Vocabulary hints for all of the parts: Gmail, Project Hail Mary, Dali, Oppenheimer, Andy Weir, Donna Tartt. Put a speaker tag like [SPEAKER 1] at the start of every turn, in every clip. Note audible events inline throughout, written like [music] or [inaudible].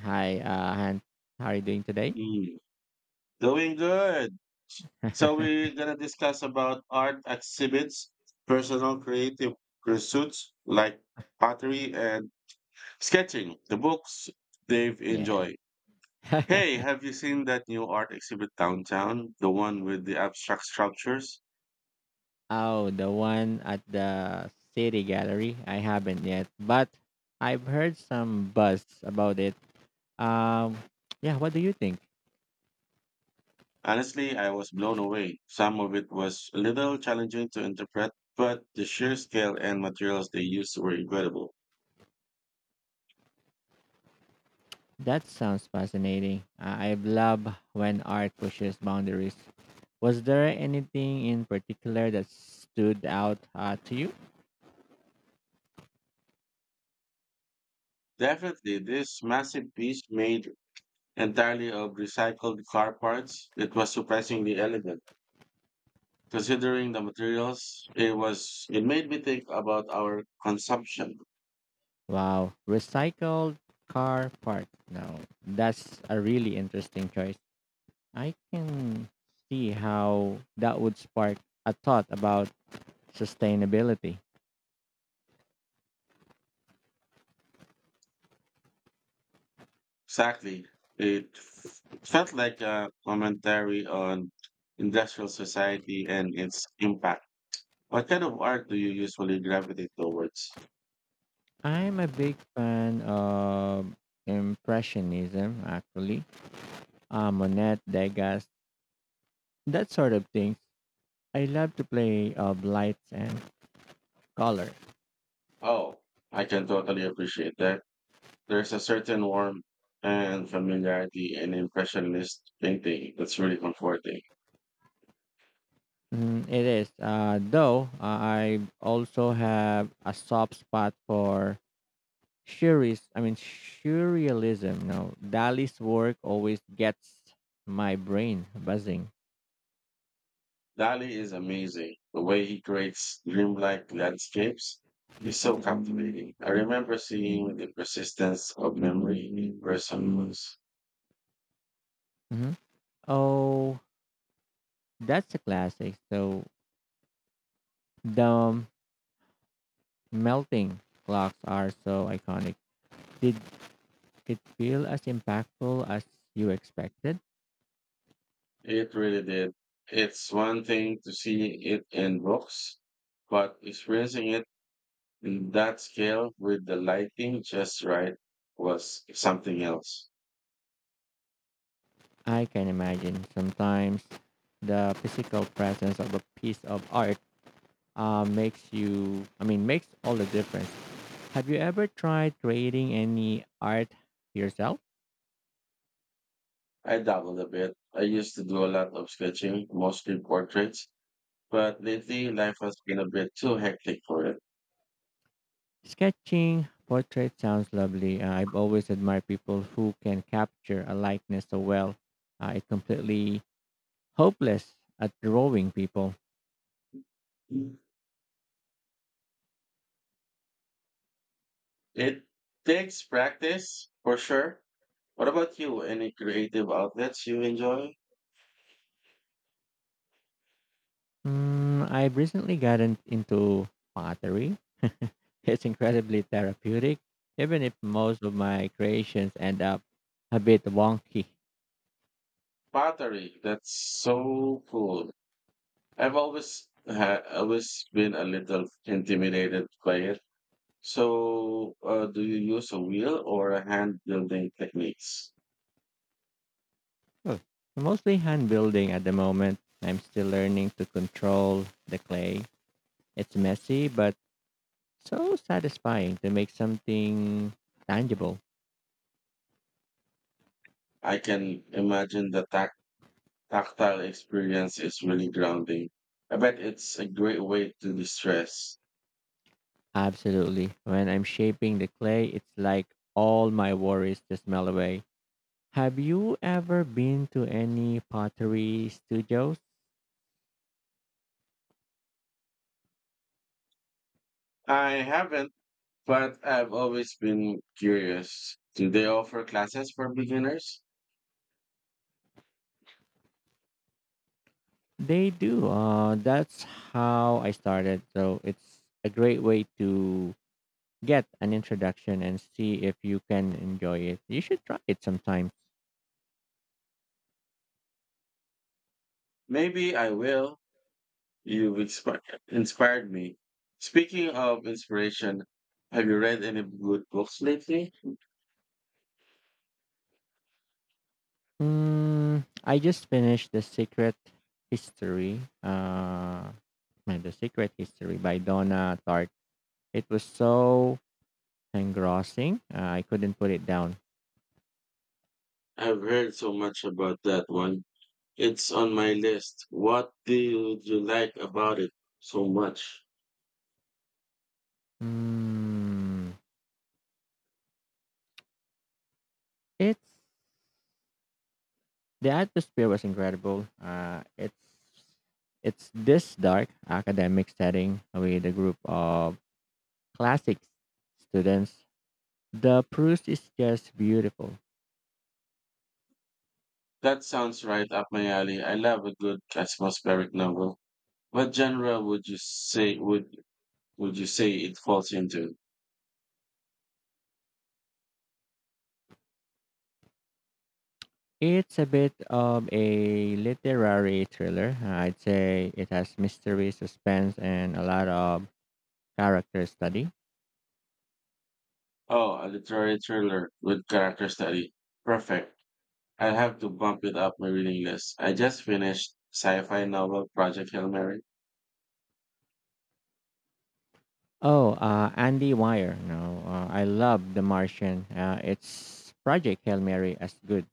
[SPEAKER 1] Hi, Han. How are you doing today?
[SPEAKER 2] Mm, doing good. So
[SPEAKER 1] [laughs]
[SPEAKER 2] we're gonna discuss about art exhibits, personal creative pursuits like pottery and sketching, the books they've
[SPEAKER 1] Yes.
[SPEAKER 2] enjoyed. Hey,
[SPEAKER 1] [laughs]
[SPEAKER 2] have you seen that new art exhibit downtown? The one with the abstract sculptures?
[SPEAKER 1] Oh, the one at the City Gallery. I haven't yet, but I've heard some buzz about it. Um, yeah. What do you think?
[SPEAKER 2] Honestly, I was blown away. Some of it was a little challenging to interpret, but the sheer scale and materials they used were incredible.
[SPEAKER 1] That sounds fascinating. I love when art pushes boundaries. Was there anything in particular that stood out to you?
[SPEAKER 2] Definitely, this massive piece made entirely of recycled car parts. It was surprisingly elegant. Considering the materials, it made me think about our consumption.
[SPEAKER 1] Wow, recycled car part. No, that's a really interesting choice. I can see how that would spark a thought about sustainability.
[SPEAKER 2] Exactly. It felt like a commentary on industrial society and its impact. What kind of art do you usually gravitate towards?
[SPEAKER 1] I'm a big fan of Impressionism, actually, Monet, Degas, that sort of things. I love to play of lights and color.
[SPEAKER 2] Oh, I can totally appreciate that. There's a certain warmth and familiarity in impressionist painting that's really comforting.
[SPEAKER 1] Mm, it is, though, I also have a soft spot for Surrealism. No, Dali's work always gets my brain buzzing.
[SPEAKER 2] Dali is amazing. The way he creates dreamlike landscapes is so captivating. I remember seeing the persistence of memory in person once.
[SPEAKER 1] Mm-hmm. Oh, that's a classic. So the melting clocks are so iconic. Did it feel as impactful as you expected?
[SPEAKER 2] It really did. It's one thing to see it in books, but experiencing it in that scale with the lighting just right was something else.
[SPEAKER 1] I can imagine. Sometimes the physical presence of a piece of art makes all the difference. Have you ever tried creating any art yourself?
[SPEAKER 2] I dabbled a bit. I used to do a lot of sketching, mostly portraits, but lately life has been a bit too hectic for it.
[SPEAKER 1] Sketching portrait sounds lovely. I've always admired people who can capture a likeness so well. It completely hopeless at drawing people.
[SPEAKER 2] It takes practice for sure. What about you? Any creative outlets you enjoy?
[SPEAKER 1] Mm, I've recently gotten into pottery. [laughs] It's incredibly therapeutic, even if most of my creations end up a bit wonky.
[SPEAKER 2] Pottery. That's so cool. I've always been a little intimidated by it. So, do you use a wheel or a hand building techniques?
[SPEAKER 1] Oh, mostly hand building at the moment. I'm still learning to control the clay. It's messy, but so satisfying to make something tangible.
[SPEAKER 2] I can imagine the tactile experience is really grounding. I bet it's a great way to distress.
[SPEAKER 1] Absolutely. When I'm shaping the clay, it's like all my worries just melt away. Have you ever been to any pottery studios?
[SPEAKER 2] I haven't. But I've always been curious. Do they offer classes for beginners?
[SPEAKER 1] They do. That's how I started. So it's a great way to get an introduction and see if you can enjoy it. You should try it sometime.
[SPEAKER 2] Maybe I will. You've inspired me. Speaking of inspiration, have you read any good books lately?
[SPEAKER 1] Mm, I just finished History. Uh, The Secret History by Donna Tartt. It was so engrossing. I couldn't put it down.
[SPEAKER 2] I've heard so much about that one. It's on my list. What do you like about it so much?
[SPEAKER 1] Mm, it's the atmosphere was incredible. It's this dark academic setting with a group of classics students. The prose is just beautiful.
[SPEAKER 2] That sounds right up my alley. I love a good atmospheric novel. What genre would you say it falls into?
[SPEAKER 1] It's a bit of a literary thriller. I'd say it has mystery, suspense, and a lot of character study.
[SPEAKER 2] Oh, a literary thriller with character study. Perfect. I'll have to bump it up my reading list. I just finished sci-fi novel Project Hail Mary.
[SPEAKER 1] Oh, Andy Weir. No, I love The Martian. It's Project Hail Mary as good.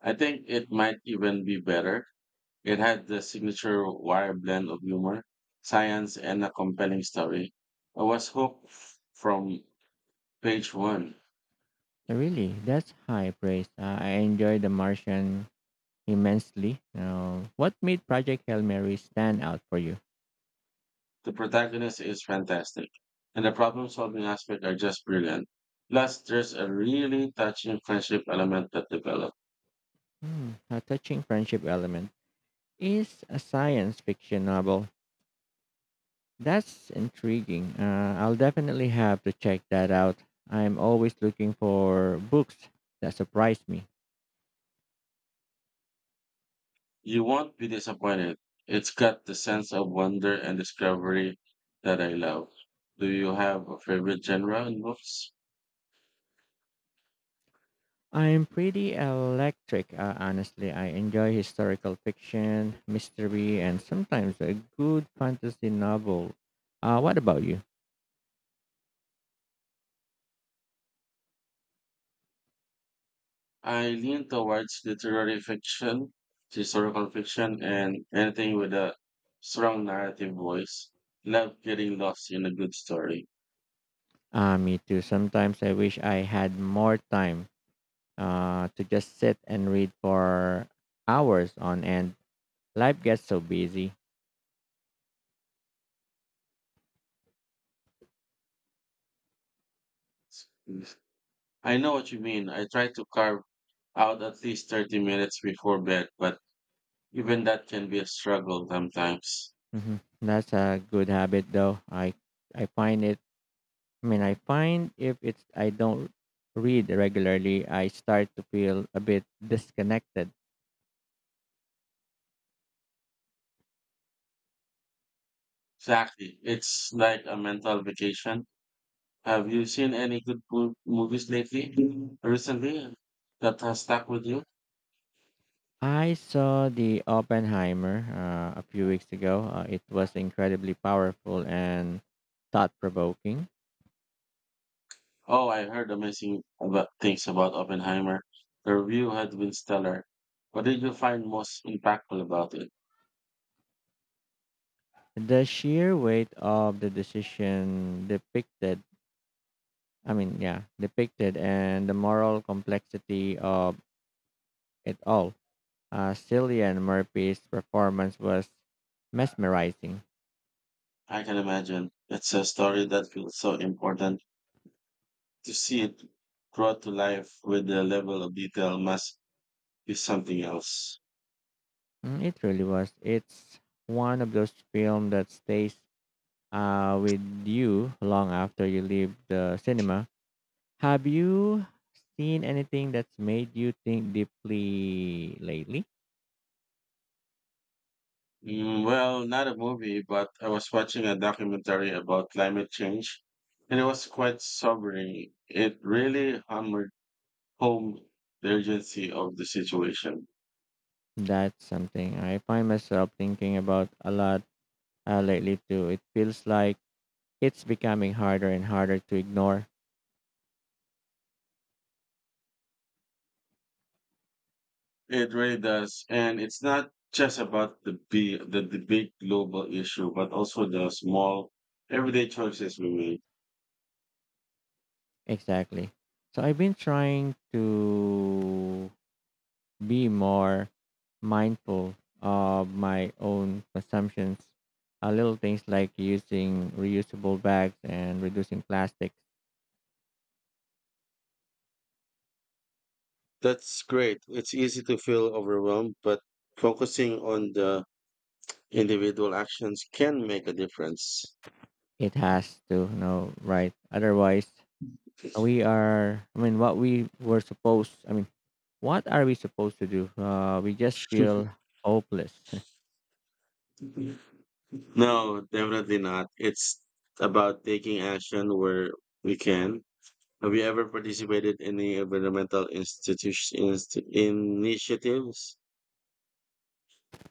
[SPEAKER 2] I think it might even be better. It had the signature wire blend of humor, science, and a compelling story. I was hooked from page one.
[SPEAKER 1] Really, that's high praise. I enjoyed The Martian immensely. Now, what made Project Hail Mary stand out for you?
[SPEAKER 2] The protagonist is fantastic, and the problem-solving aspect are just brilliant. Plus, there's a really touching friendship element that develops.
[SPEAKER 1] Hmm, a touching friendship element is a science fiction novel. That's intriguing. I'll definitely have to check that out. I'm always looking for books that surprise me.
[SPEAKER 2] You won't be disappointed. It's got the sense of wonder and discovery that I love. Do you have a favorite genre in books?
[SPEAKER 1] I'm pretty electric, honestly. I enjoy historical fiction, mystery, and sometimes a good fantasy novel. What about you?
[SPEAKER 2] I lean towards literary fiction, historical fiction, and anything with a strong narrative voice. Love getting lost in a good story.
[SPEAKER 1] Me too. Sometimes I wish I had more time to just sit and read for hours on end. Life gets so busy.
[SPEAKER 2] I know what you mean. I try to carve out at least 30 minutes before bed, but even that can be a struggle sometimes.
[SPEAKER 1] Hmm, that's a good habit, though. I find it. I find if it's I don't read regularly, I start to feel a bit disconnected.
[SPEAKER 2] Exactly. It's like a mental vacation. Have you seen any good movies lately, recently, that has stuck with you?
[SPEAKER 1] I saw the Oppenheimer a few weeks ago. It was incredibly powerful and thought provoking.
[SPEAKER 2] Oh, I heard amazing about things about Oppenheimer. The review had been stellar. What did you find most impactful about it?
[SPEAKER 1] The sheer weight of the decision depicted, I mean, yeah, depicted, and the moral complexity of it all. Cillian Murphy's performance was mesmerizing.
[SPEAKER 2] I can imagine it's a story that feels so important to see it brought to life with the level of detail must be something else.
[SPEAKER 1] Mm, it really was. It's one of those films that stays with you long after you leave the cinema. Have you seen anything that's made you think deeply lately?
[SPEAKER 2] Mm, well, not a movie, but I was watching a documentary about climate change, and it was quite sobering. It really hammered home the urgency of the situation.
[SPEAKER 1] That's something I find myself thinking about a lot lately too. It feels like it's becoming harder and harder to ignore.
[SPEAKER 2] It really does, and it's not just about the big global issue, but also the small, everyday choices we make.
[SPEAKER 1] Exactly. So I've been trying to be more mindful of my own consumptions. Little things like using reusable bags and reducing plastics.
[SPEAKER 2] That's great. It's easy to feel overwhelmed, but focusing on the individual actions can make a difference.
[SPEAKER 1] It has to, you know, right? Otherwise, we are. I mean, what we were supposed. I mean, What are we supposed to do? We just feel hopeless.
[SPEAKER 2] [laughs] No, definitely not. It's about taking action where we can. Have you ever participated in any environmental initiatives?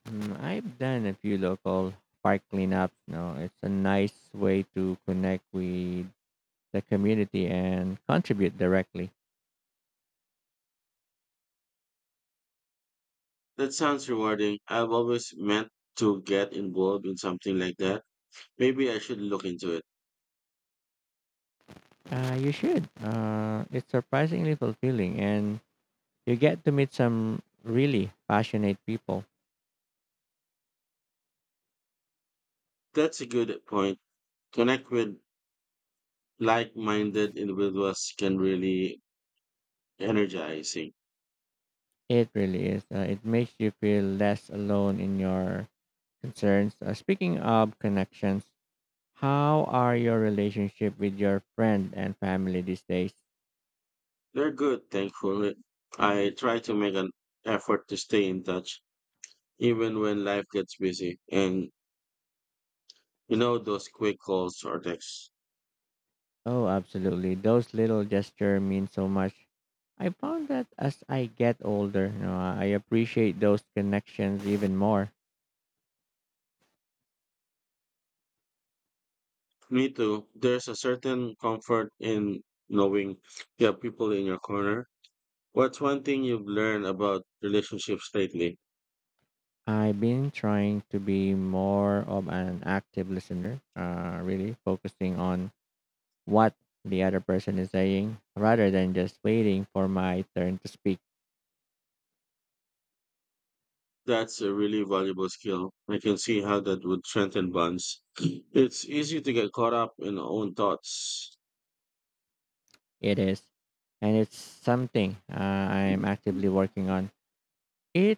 [SPEAKER 1] Mm, I've done a few local park cleanups. No, it's a nice way to connect with the community and contribute directly.
[SPEAKER 2] That sounds rewarding. I've always meant to get involved in something like that. Maybe I should look into it.
[SPEAKER 1] You should. It's surprisingly fulfilling, and you get to meet some really passionate people.
[SPEAKER 2] That's a good point. Connect with like-minded individuals can really energizing.
[SPEAKER 1] It really is. It makes you feel less alone in your concerns. Speaking of connections, how are your relationship with your friend and family these days?
[SPEAKER 2] They're good, thankfully. I try to make an effort to stay in touch even when life gets busy and you know those quick calls or texts.
[SPEAKER 1] Oh, absolutely. Those little gesture mean so much. I found that as I get older, you know, I appreciate those connections even more.
[SPEAKER 2] Me too. There's a certain comfort in knowing you have people in your corner. What's one thing you've learned about relationships lately?
[SPEAKER 1] I've been trying to be more of an active listener, really focusing on what the other person is saying rather than just waiting for my turn to speak.
[SPEAKER 2] That's a really valuable skill. I can see how that would strengthen bonds. [clears throat] It's easy to get caught up in our own thoughts.
[SPEAKER 1] It is, and it's something I'm actively working on.